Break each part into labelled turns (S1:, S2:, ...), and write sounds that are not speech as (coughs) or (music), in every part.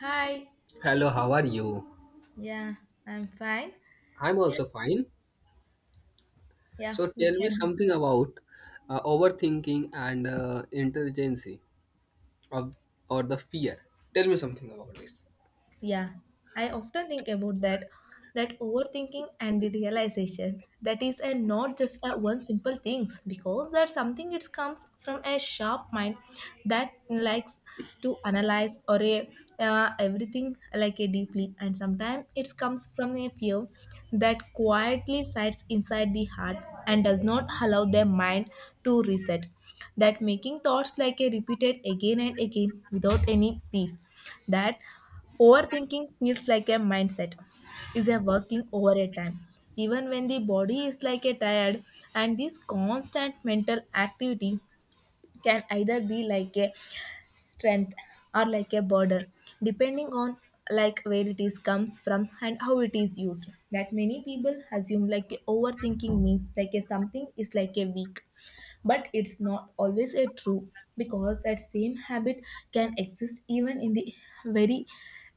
S1: Hi.
S2: Hello, how are you?
S1: Yeah, I'm fine.
S2: I'm
S1: Yeah,
S2: also fine.
S1: yeah,
S2: So
S1: we
S2: tell me
S1: can.
S2: something about overthinking and intelligency of, or the fear. Tell me something about this.
S1: Yeah, I often think about that, that overthinking and the realization that is a not just a one simple things because that's something it comes from a sharp mind that likes to analyze or a everything like a deeply, and sometimes it comes from a fear that quietly sits inside the heart and does not allow their mind to reset, that making thoughts like a repeated again and again without any peace. That overthinking feels like a mindset, is a working over a time. Even when the body is like a tired, and this constant mental activity can either be like a strength or like a burden, depending on like where it is comes from and how it is used. That many people assume like overthinking means like a something is like a weak, but it's not always a true because that same habit can exist even in the very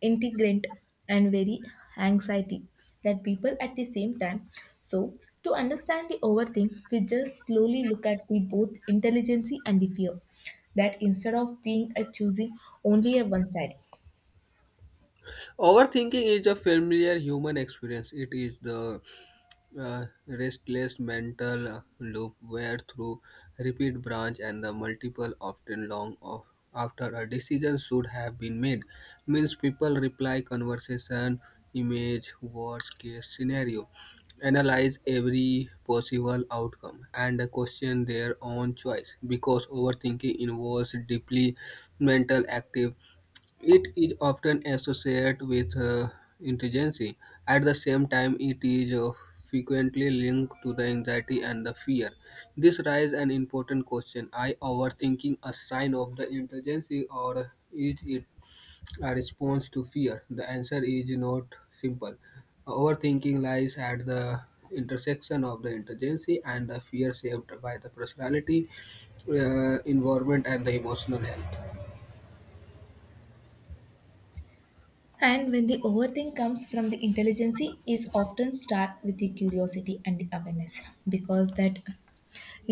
S1: integrant and very anxiety that people at the same time, so to understand the overthink we just slowly look at the both intelligency and the fear, that instead of being a choosing only a one side.
S2: Overthinking is a familiar human experience. It is the restless mental loop where through repeat branch and the multiple often long of after a decision should have been made means people reply conversation image worst case scenario analyze every possible outcome and question their own choice because overthinking involves deeply mental active it is often associated with intelligence. At the same time, it is frequently linked to the anxiety and the fear. This raises an important question. Are overthinking a sign of the intelligence or is it a response to fear? The answer is not simple. Overthinking lies at the intersection of the intelligence and the fear shaped by the personality, environment, and the emotional health.
S1: And when the overthink comes from the intelligence is often start with the curiosity and the awareness because that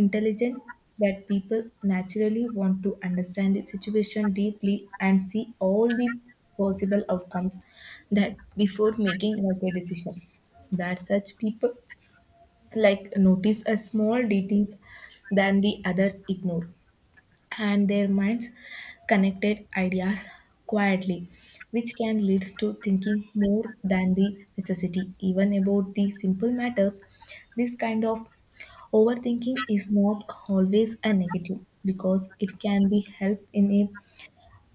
S1: intelligent that people naturally want to understand the situation deeply and see all the possible outcomes that before making like a decision, that such people like notice a small details than the others ignore, and their minds connected ideas quietly, which can lead to thinking more than the necessity, even about the simple matters. This kind of overthinking is not always a negative because it can be helped in a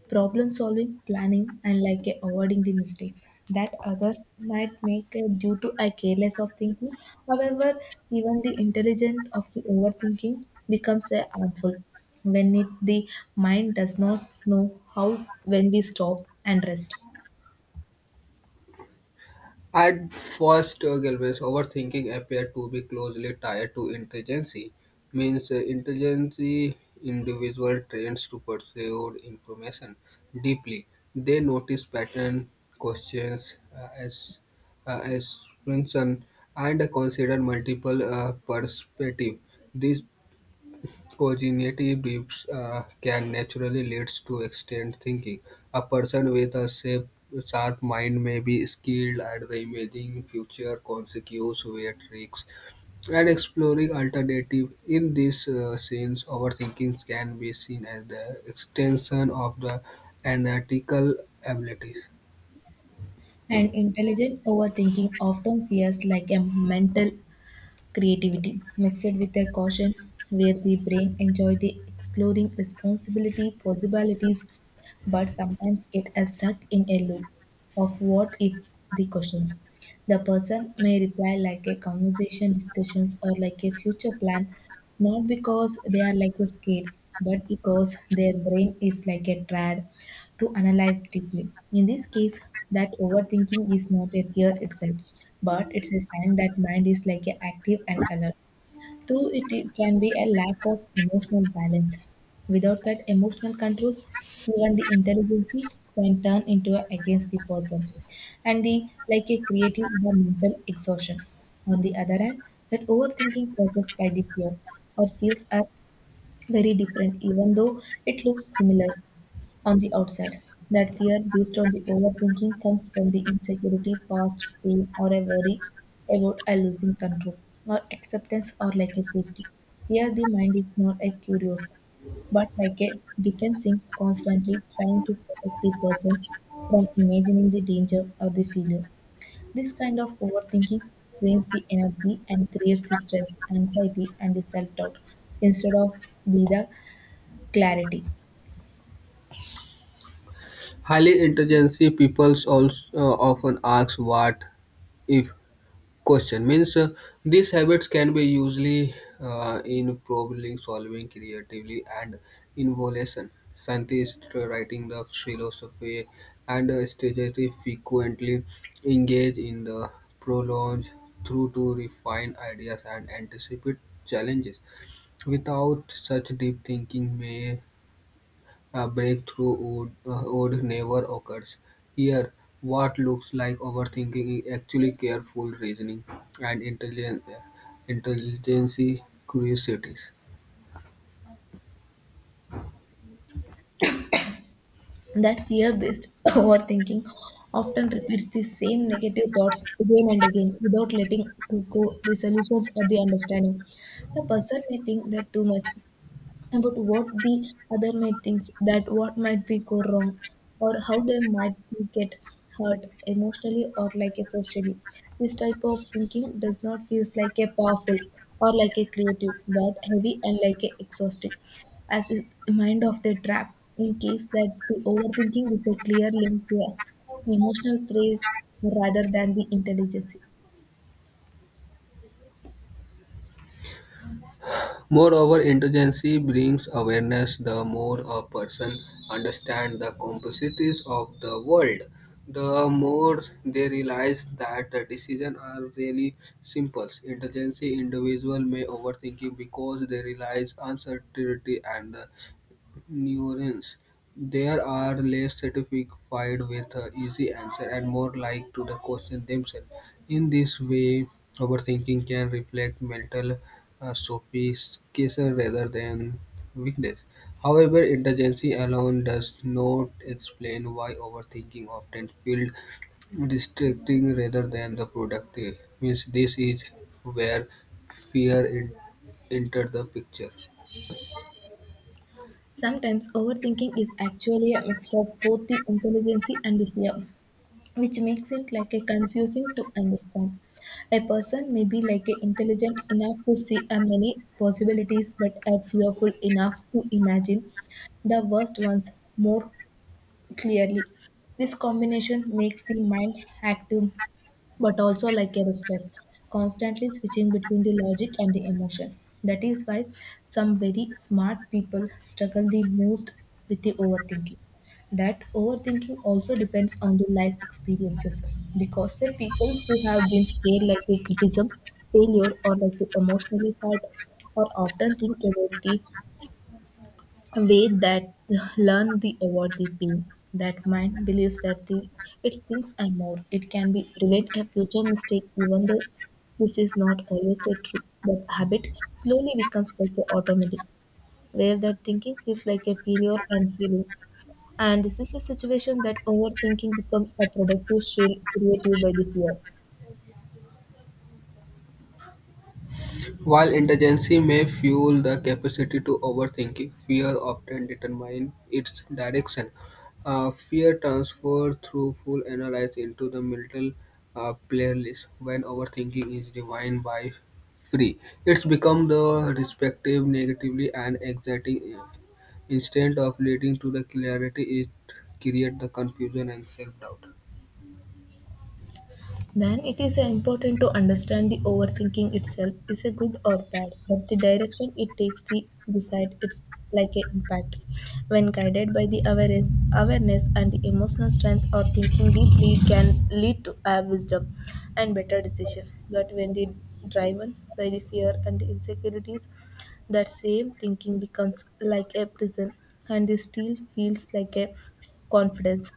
S1: problem solving, planning, and like a avoiding the mistakes that others might make due to a careless of thinking. However, even the intelligent of the overthinking becomes a harmful when it, the mind does not know how when we stop and rest.
S2: At first Galvez, overthinking appeared to be closely tied to intelligence, means intelligence individual trains to pursue information deeply. They notice pattern, questions, as assumption, and consider multiple perspectives. This cognitive depth can naturally lead to extended thinking. A person with a sharp mind may be skilled at the imagining future consequences, weight risks, and exploring alternatives. In this sense, overthinking can be seen as the extension of the analytical abilities.
S1: And intelligent overthinking often fears like a mental creativity mixed with a caution where the brain enjoy the exploring responsibility, possibilities, but sometimes it is stuck in a loop of what if the questions. The person may reply like a conversation discussions or like a future plan, not because they are like a scared, but because their brain is like a trad to analyze deeply. In this case, that overthinking is not a fear itself, but it's a sign that mind is like a active and alert. Through it can be a lack of emotional balance. Without that emotional controls, even the intelligence can turn into a, against the person, and the like a creative or mental exhaustion. On the other hand, that overthinking causes by the fear or feels are very different, even though it looks similar on the outside. That fear based on the overthinking comes from the insecurity, past pain, or a worry about a losing control, or acceptance, or like a safety. Here, the mind is not a curious, but like a defensive, constantly trying to protect the person from imagining the danger or the failure. This kind of overthinking drains the energy and creates the stress, anxiety, and the self doubt instead of the clarity.
S2: Highly intelligent people also often ask what if question means these habits can be usually in problem solving, creatively, and innovation. Scientists writing the philosophy and strategy frequently engage in the prolonge through to refine ideas and anticipate challenges. Without such deep thinking, may a breakthrough would would never occurs. Here, what looks like overthinking is actually careful reasoning and intelligence curiosities.
S1: That fear based (laughs) (coughs) overthinking often repeats the same negative thoughts again and again without letting to go the solutions or the understanding. The person may think that too much about what the other may think, that what might be go wrong, or how they might be get hurt emotionally or like a socially. This type of thinking does not feel like a powerful or like a creative, but heavy and like a exhausting, as is the mind of the trap. In case that the overthinking is a clear link to a emotional traits rather than the intelligence.
S2: Moreover, intelligence brings awareness. The more a person understands the complexities of the world, the more they realize that the decisions are really simple. Intelligence individual may overthinking because they realize uncertainty and neurons. There are less satisfied with easy answer and more like to the question themselves. In this way, overthinking can reflect mental sophistication rather than weakness. However, intelligence alone does not explain why overthinking often feels distracting rather than the productive. Means this is where fear in, entered the picture.
S1: Sometimes overthinking is actually a mixture of both the intelligence and the fear, which makes it like a confusing to understand. A person may be like a intelligent enough to see a many possibilities, but a fearful enough to imagine the worst ones more clearly. This combination makes the mind active but also like a restless, constantly switching between the logic and the emotion. That is why some very smart people struggle the most with the overthinking. That overthinking also depends on the life experiences because the people who have been scared like the criticism, failure, or like the emotionally hurt or often think about the a way that (laughs) learn the avoid the pain, that mind believes that the it thinks and more it can be relate a future mistake, even though this is not always the truth, but habit slowly becomes like a automatic where that thinking feels like a failure and healing, and this is a situation that overthinking becomes a productive shield created by the fear.
S2: While indigency may fuel the capacity to overthinking, fear often determines its direction. Fear transfers through full analysis into the mental playlist. When overthinking is defined by free, it's become the respective negatively and anxiety instead of leading to the clarity it creates the confusion and self-doubt.
S1: Then it is important to understand the overthinking itself is a good or bad, but the direction it takes the decide it's like an impact. When guided by the awareness, awareness and the emotional strength or thinking deeply can lead to a wisdom and better decision. But when the driven by the fear and the insecurities, that same thinking becomes like a prison and the steel feels like a confidence,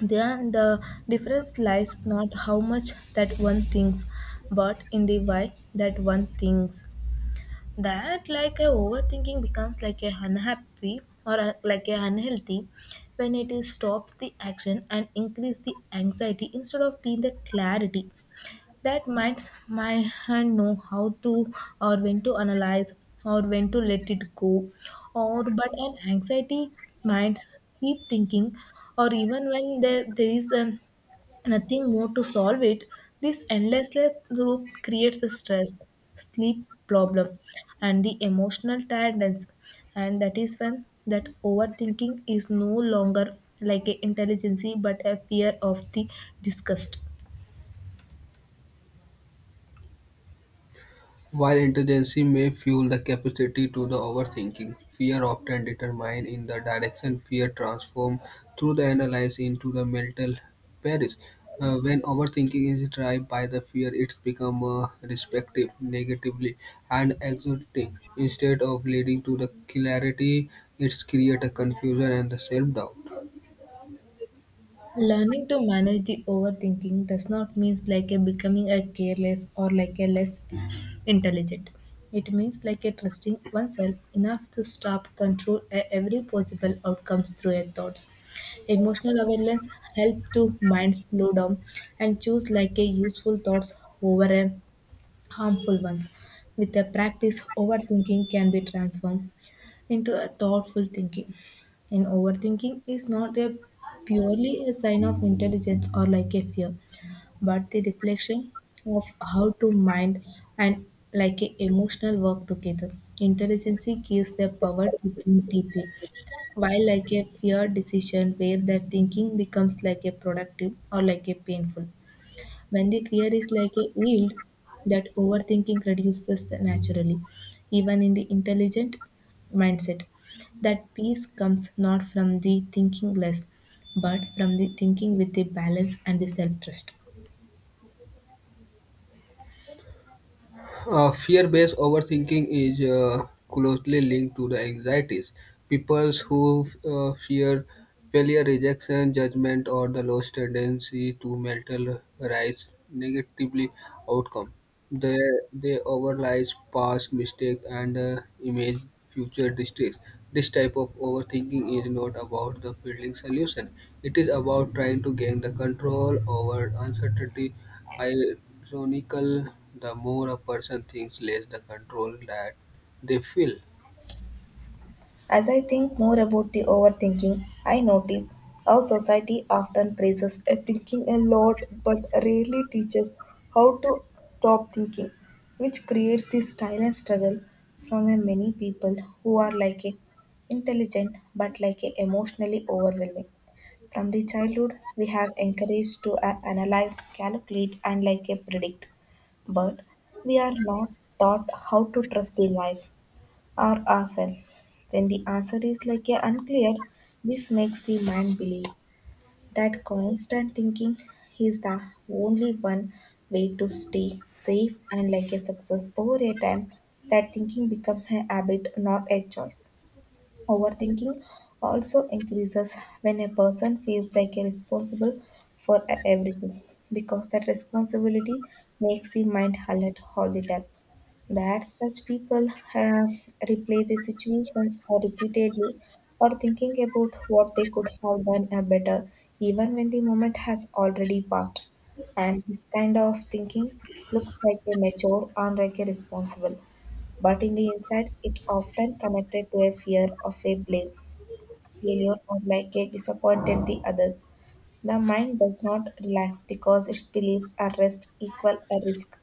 S1: then the difference lies not how much that one thinks, but in the why that one thinks. That like a overthinking becomes like a unhappy or like a unhealthy when it is stops the action and increase the anxiety instead of being the clarity. That minds my hand know how to or when to analyze or when to let it go. Or but an anxiety minds keep thinking, or even when there is nothing more to solve it, this endless loop creates a stress, sleep problem, and the emotional tiredness. And that is when that overthinking is no longer like a intelligency but a fear of the disgust.
S2: While intelligence may fuel the capacity to the overthinking, fear often determines in the direction fear transforms through the analysis into the mental paris. When overthinking is driven by the fear, it becomes respective, negatively, and exhausting. Instead of leading to the clarity, it's create a confusion and the self-doubt.
S1: Learning to manage the overthinking does not mean like a becoming a careless or like a less intelligent. It means like a trusting oneself enough to stop control every possible outcomes through your thoughts. Emotional awareness help to mind slow down and choose like a useful thoughts over a harmful ones. With the practice, overthinking can be transformed into a thoughtful thinking. And overthinking is not a purely a sign of intelligence or like a fear, but the reflection of how to mind and like a emotional work together. Intelligence gives the power to think deeply, while like a fear decision where the thinking becomes like a productive or like a painful. When the fear is like a yield, that overthinking reduces naturally, even in the intelligent mindset. That peace comes not from the thinking less, but from the thinking with the balance and the self trust.
S2: Fear-based overthinking is closely linked to the anxieties. People who fear failure, rejection, judgment, or the lost tendency to mentalize negatively outcome. They they overlies past mistakes and image future distress. This type of overthinking is not about the fielding solution. It is about trying to gain the control over uncertainty. Ironical, the more a person thinks, less the control that they feel.
S1: As I think more about the overthinking, I notice how society often praises a thinking a lot but rarely teaches how to stop thinking, which creates this silent struggle from a many people who are like a intelligent but like a emotionally overwhelming. From the childhood, we have encouraged to analyze, calculate, and like a predict, but we are not taught how to trust the life or ourselves. When the answer is like a unclear, this makes the mind believe that constant thinking is the only one way to stay safe and like a success over a time, that thinking becomes a habit, not a choice. Overthinking also increases when a person feels like a responsible for everything because that responsibility makes the mind alert all the time. That such people replay the situations or repeatedly or thinking about what they could have done better even when the moment has already passed. And this kind of thinking looks like a mature and like a responsible, but in the inside it often connected to a fear of a blame, failure or like a disappointed the others. The mind does not relax because its beliefs are rest equal a risk.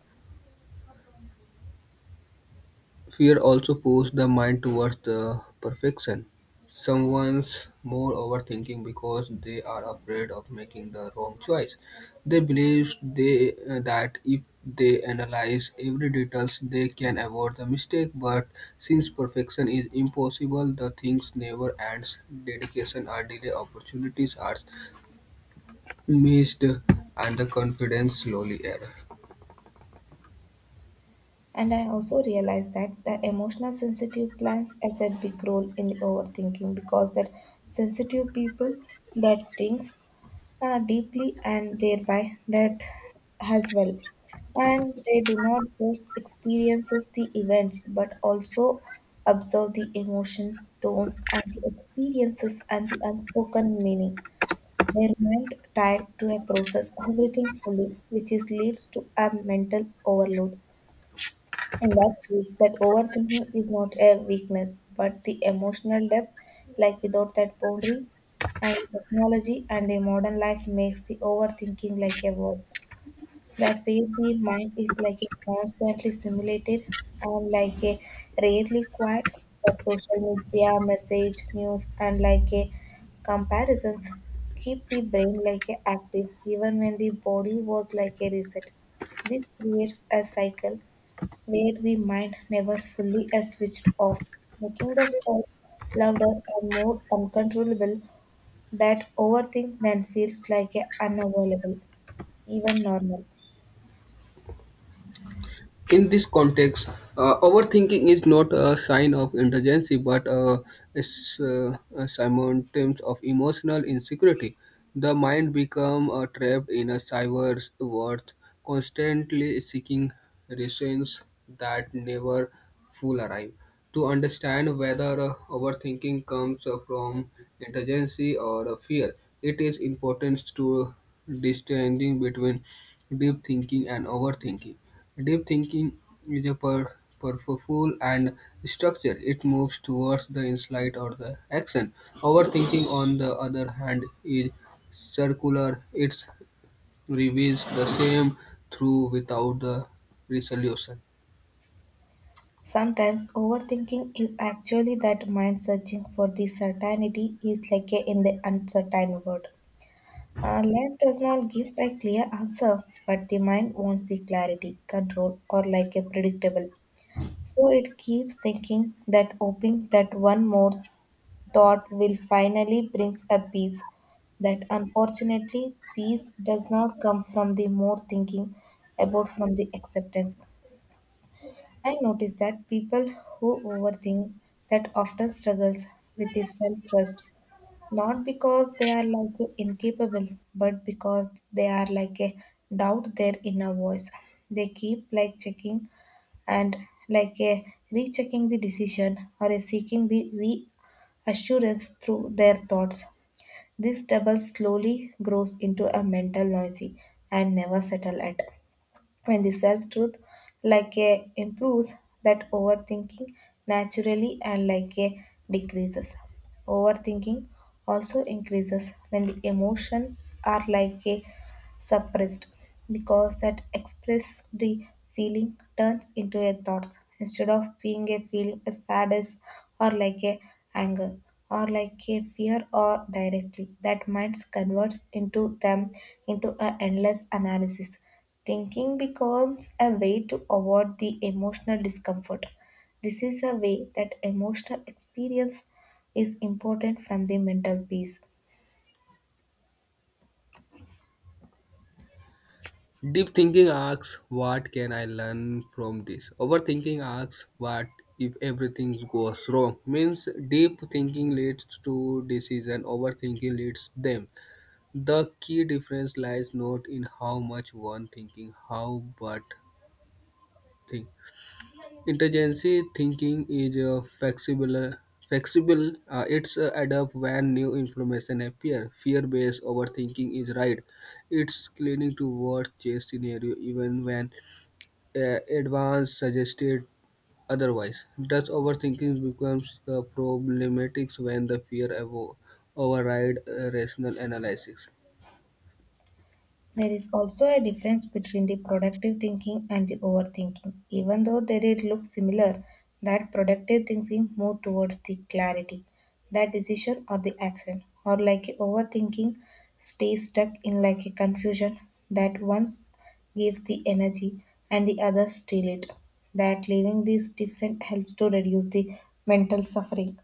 S2: Fear also pushes the mind towards the perfection. Someone's more overthinking because they are afraid of making the wrong choice. They believe they that if they analyze every details, they can avoid the mistake. But since perfection is impossible, the things never ends. Dedication are delay, opportunities are missed, and the confidence slowly eroded.
S1: And I also realized that the emotional sensitive plans as a big role in the overthinking because that sensitive people that thinks deeply and thereby that as well. And they do not just experiences the events but also observe the emotion, tones and the experiences and the unspoken meaning. Their mind tied to a process everything fully, which is leads to a mental overload. In that case, that overthinking is not a weakness, but the emotional depth, like without that boundary, and technology and the modern life makes the overthinking like a worst. That way the mind is like a constantly stimulated and like a rarely quiet, but social media, message, news and like a comparisons keep the brain like a active even when the body was like a reset. This creates a cycle where the mind never fully is switched off, making the soul louder and more uncontrollable that overthink then feels like a unavoidable, even normal.
S2: In this context, overthinking is not a sign of intelligence but is a symptom of emotional insecurity. The mind becomes trapped in a cyber world, constantly seeking reasons that never full arrive. To understand whether overthinking comes from intelligence or fear, it is important to distinguish between deep thinking and overthinking. Deep thinking is a purposeful and structured. It moves towards the insight or the action. Overthinking, on the other hand, is circular. It reveals the same through without the resolution.
S1: Sometimes overthinking is actually that mind searching for the certainty is like a in the uncertain world. Life does not give a clear answer, but the mind wants the clarity, control, or like a predictable. So it keeps thinking that hoping that one more thought will finally brings a peace that unfortunately peace does not come from the more thinking about from the acceptance. I notice that people who overthink that often struggles with the self trust, not because they are like a incapable, but because they are like a doubt their inner voice. They keep like checking and like a rechecking the decision or a seeking the reassurance through their thoughts. This double slowly grows into a mental noisy and never settle at. When the self truth like a improves, that overthinking naturally and like a decreases. Overthinking also increases when the emotions are like a suppressed, because that express the feeling turns into a thoughts instead of being a feeling a sadness or like a anger or like a fear, or directly that minds converts into them into an endless analysis. Thinking becomes a way to avoid the emotional discomfort. This is a way that emotional experience is important from the mental peace.
S2: Deep thinking asks, what can I learn from this? Overthinking asks, what if everything goes wrong? Means deep thinking leads to decision, overthinking leads them. The key difference lies not in how much one thinking, how but think. Intelligence thinking is flexible. Flexible, it's adapt when new information appear. Fear-based overthinking is right. It's leaning to worst-case scenario even when advance suggested otherwise. Thus, overthinking becomes the problematic when the fear override rational analysis.
S1: There is also a difference between the productive thinking and the overthinking. Even though they did look similar, that productive thinking moved towards the clarity, that decision or the action, or like a overthinking stays stuck in like a confusion. That once gives the energy and the other steal it. That leaving these different helps to reduce the mental suffering.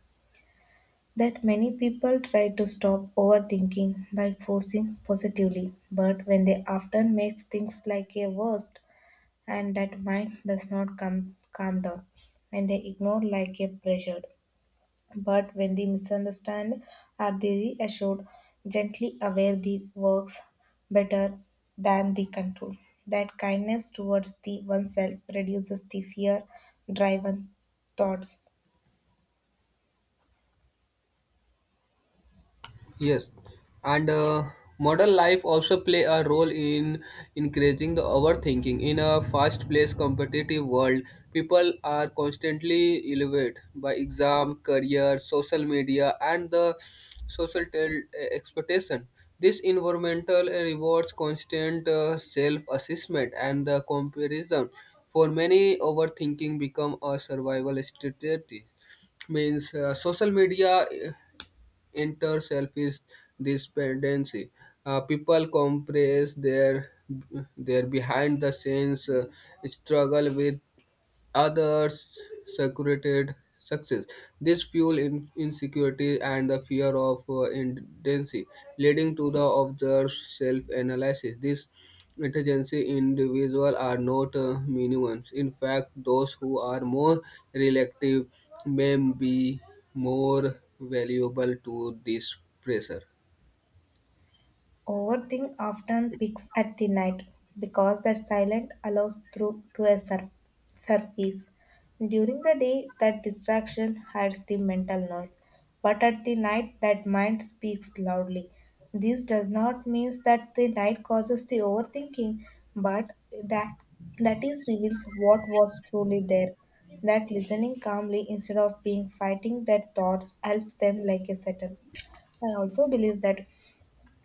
S1: That many people try to stop overthinking by forcing positively, but when they often makes things like a worst, and that mind does not come calm down when they ignore like a pressured. But when they misunderstand are they reassured, gently aware the works better than the control. That kindness towards the oneself reduces the fear driven thoughts.
S2: Yes, and modern life also play a role in increasing the overthinking. In a fast-paced, competitive world, people are constantly elevated by exam, career, social media, and the social tel- expectation. This environmental rewards constant self-assessment and the comparison. For many, overthinking become a survival strategy means social media enter selfish this dependency. People compress their behind the scenes struggle with others secreted success. This fuel in insecurity and the fear of indecency, leading to the observed self-analysis. This intelligence individuals are not minimums. In fact, those who are more reactive may be more valuable to this pressure.
S1: Overthink often peaks at the night because that silence allows through to a surface. During the day, that distraction hides the mental noise, but at the night, that mind speaks loudly. This does not mean that the night causes the overthinking, but that that is reveals what was truly there. That listening calmly instead of being fighting their thoughts helps them like a settle. I also believe that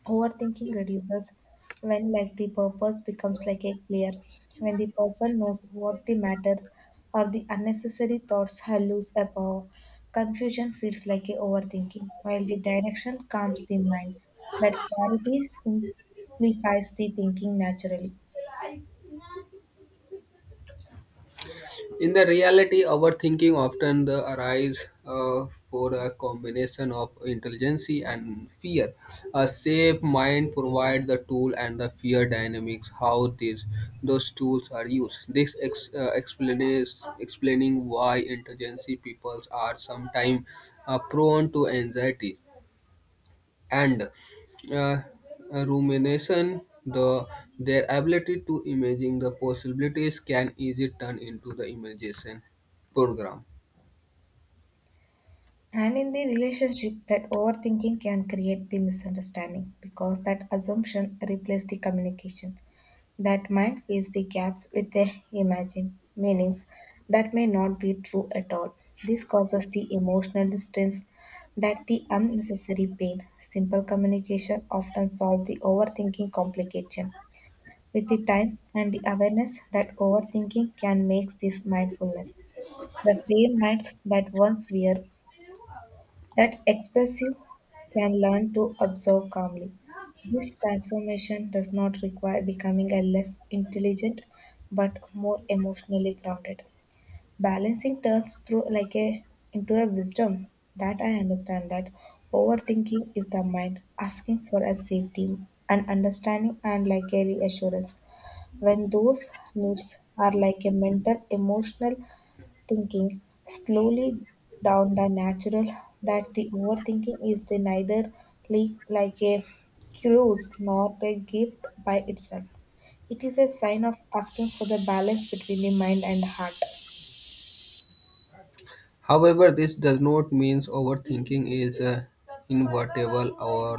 S1: overthinking reduces when like the purpose becomes like a clear, when the person knows what the matters or the unnecessary thoughts are loose above. Confusion feels like a overthinking, while the direction calms the mind. That clarity simplifies the thinking naturally.
S2: In the reality, overthinking often the arise for a combination of intelligence and fear. A safe mind provides the tool and the fear dynamics how these those tools are used. This ex, explains explaining why intelligence peoples are sometimes prone to anxiety and uh, rumination, the their ability to imagine the possibilities can easily turn into the imagination program.
S1: And in the relationship, that overthinking can create the misunderstanding because that assumption replaces the communication. That mind fills the gaps with the imagined meanings that may not be true at all. This causes the emotional distance that the unnecessary pain. Simple communication often solves the overthinking complication. With the time and the awareness that overthinking can make this mindfulness. The same minds that once were that expressive can learn to observe calmly. This transformation does not require becoming a less intelligent, but more emotionally grounded. Balancing turns through like a into a wisdom that I understand that overthinking is the mind asking for a safety and understanding and like a reassurance. When those needs are like a mental emotional thinking slowly down the natural, that the overthinking is the neither like a cruise nor a gift by itself. It is a sign of asking for the balance between the mind and heart.
S2: However, this does not mean overthinking is inevitable or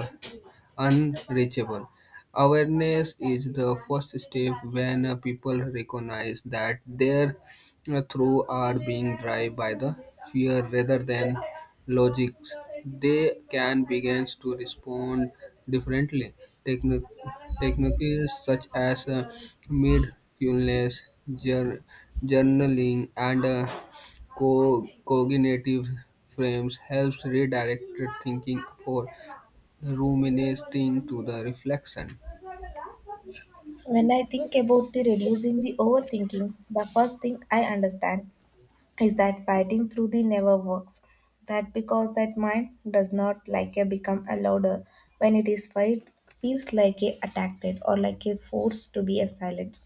S2: unreachable. Awareness is the first step when people recognize that their through are being driven by the fear rather than logic. They can begin to respond differently. Techni- techniques such as mindfulness, jour- journaling, and cognitive frames helps redirect thinking for ruminating to the reflection.
S1: When I think about the reducing the overthinking, the first thing I understand is that fighting through the never works. That because that mind does not like a become a louder when it is fight feels like a attacked or like a force to be a silence.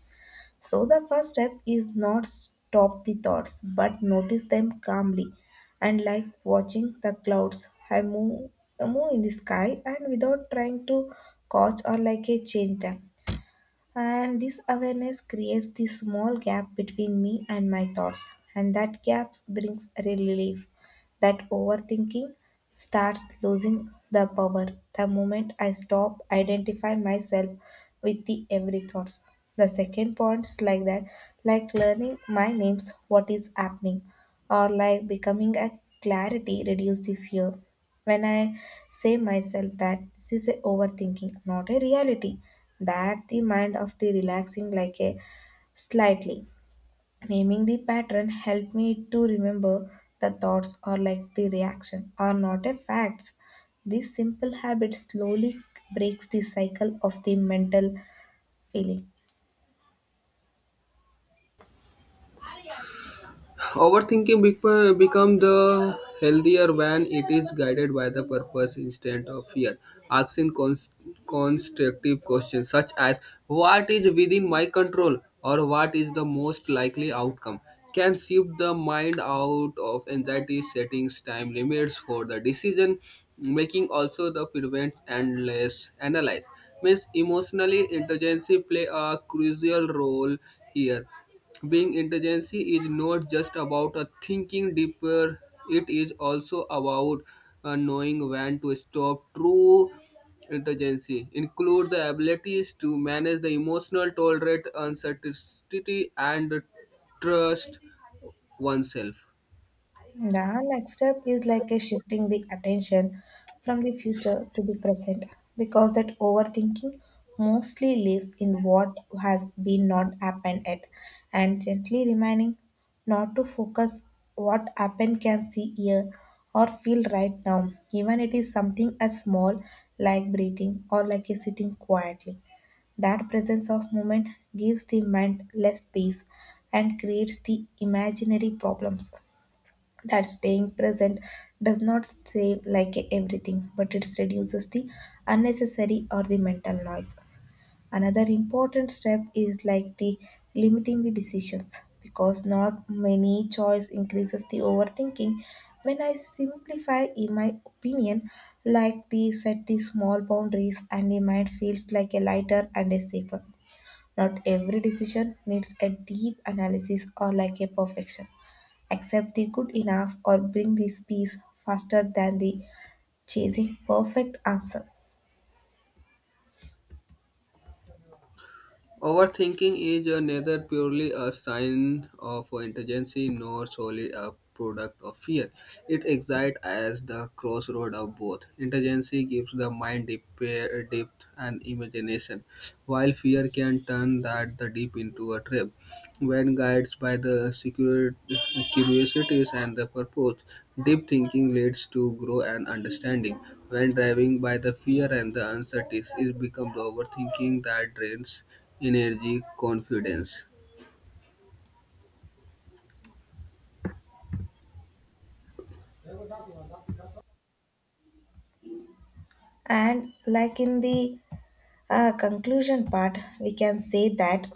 S1: So the first step is not stop the thoughts but notice them calmly and like watching the clouds I move in the sky and without trying to catch or like a change them, and this awareness creates the small gap between me and my thoughts, and that gap brings relief that overthinking starts losing the power the moment I stop identifying myself with the every thoughts. The second points like that, like learning my names, what is happening, or like becoming a clarity reduce the fear. When I say myself that this is a overthinking, not a reality, that the mind of the relaxing like a slightly. Naming the pattern helped me to remember the thoughts are like the reaction are not a facts. This simple habit slowly breaks the cycle of the mental feeling.
S2: Overthinking become the healthier when it is guided by the purpose instead of fear. Asking constructive questions such as what is within my control or what is the most likely outcome can shift the mind out of anxiety settings time limits for the decision making also the prevent endless less analyze means emotionally intelligence play a crucial role here being intelligent is not just about thinking deeper, it is also about knowing when to stop. True intelligence include the abilities to manage the emotional, tolerate uncertainty, and trust oneself.
S1: The next step is like a shifting the attention from the future to the present because that overthinking mostly lives in what has been not happened yet, and gently reminding not to focus what happened can see here or feel right now, even it is something as small like breathing or like a sitting quietly, that presence of moment gives the mind less space and creates the imaginary problems. That staying present does not save like everything, but it reduces the unnecessary or the mental noise. Another important step is like the limiting the decisions because not many choice increases the overthinking. When I simplify in my opinion, like the set the small boundaries and the mind feels like a lighter and a safer. Not every decision needs a deep analysis or like a perfection. Accept the good enough or bring this peace faster than the chasing perfect answer.
S2: Overthinking is neither purely a sign of intelligence nor solely a product of fear. It exists as the crossroad of both. Intelligence gives the mind depth and imagination, while fear can turn that the deep into a trap. When guided by the secure curiosities and the purpose, deep thinking leads to grow and understanding. When driving by the fear and the uncertainties, it becomes overthinking that drains energy, confidence.
S1: And like in the conclusion part, we can say that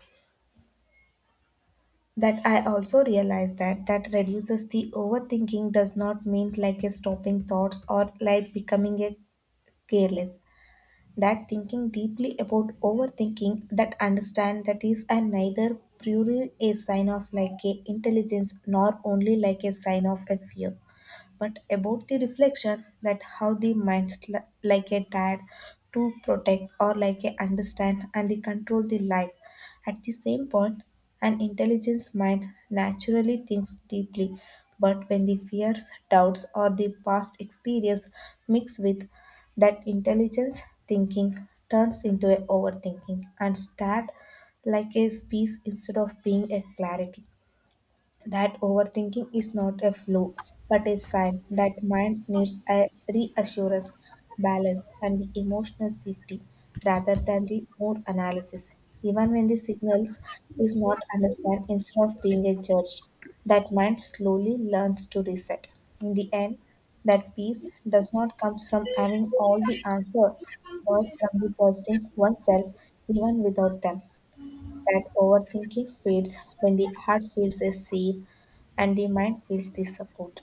S1: that I also realize that that reduces the overthinking does not mean like a stopping thoughts or like becoming a careless. That thinking deeply about overthinking, that understand that is a neither purely a sign of like a intelligence nor only like a sign of a fear, but about the reflection that how the minds like a dad to protect or like a understand and the control the life. At the same point, an intelligent mind naturally thinks deeply, but when the fears, doubts, or the past experience mix with that intelligence, thinking turns into a overthinking and start like a space instead of being a clarity. That overthinking is not a flaw, but a sign that mind needs a reassurance, balance, and the emotional safety rather than the more analysis. Even when the signals is not understood, instead of being a judge, that mind slowly learns to reset. In the end, that peace does not come from having all the answer, but from the trusting oneself even without them. That overthinking fades when the heart feels is safe and the mind feels the support.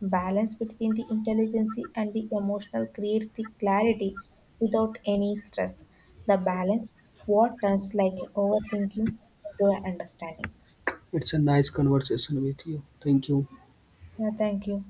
S1: Balance between the intelligence and the emotional creates the clarity without any stress. The balance what turns like overthinking into understanding.
S2: It's a nice conversation with you. Thank you.
S1: Yeah, thank you.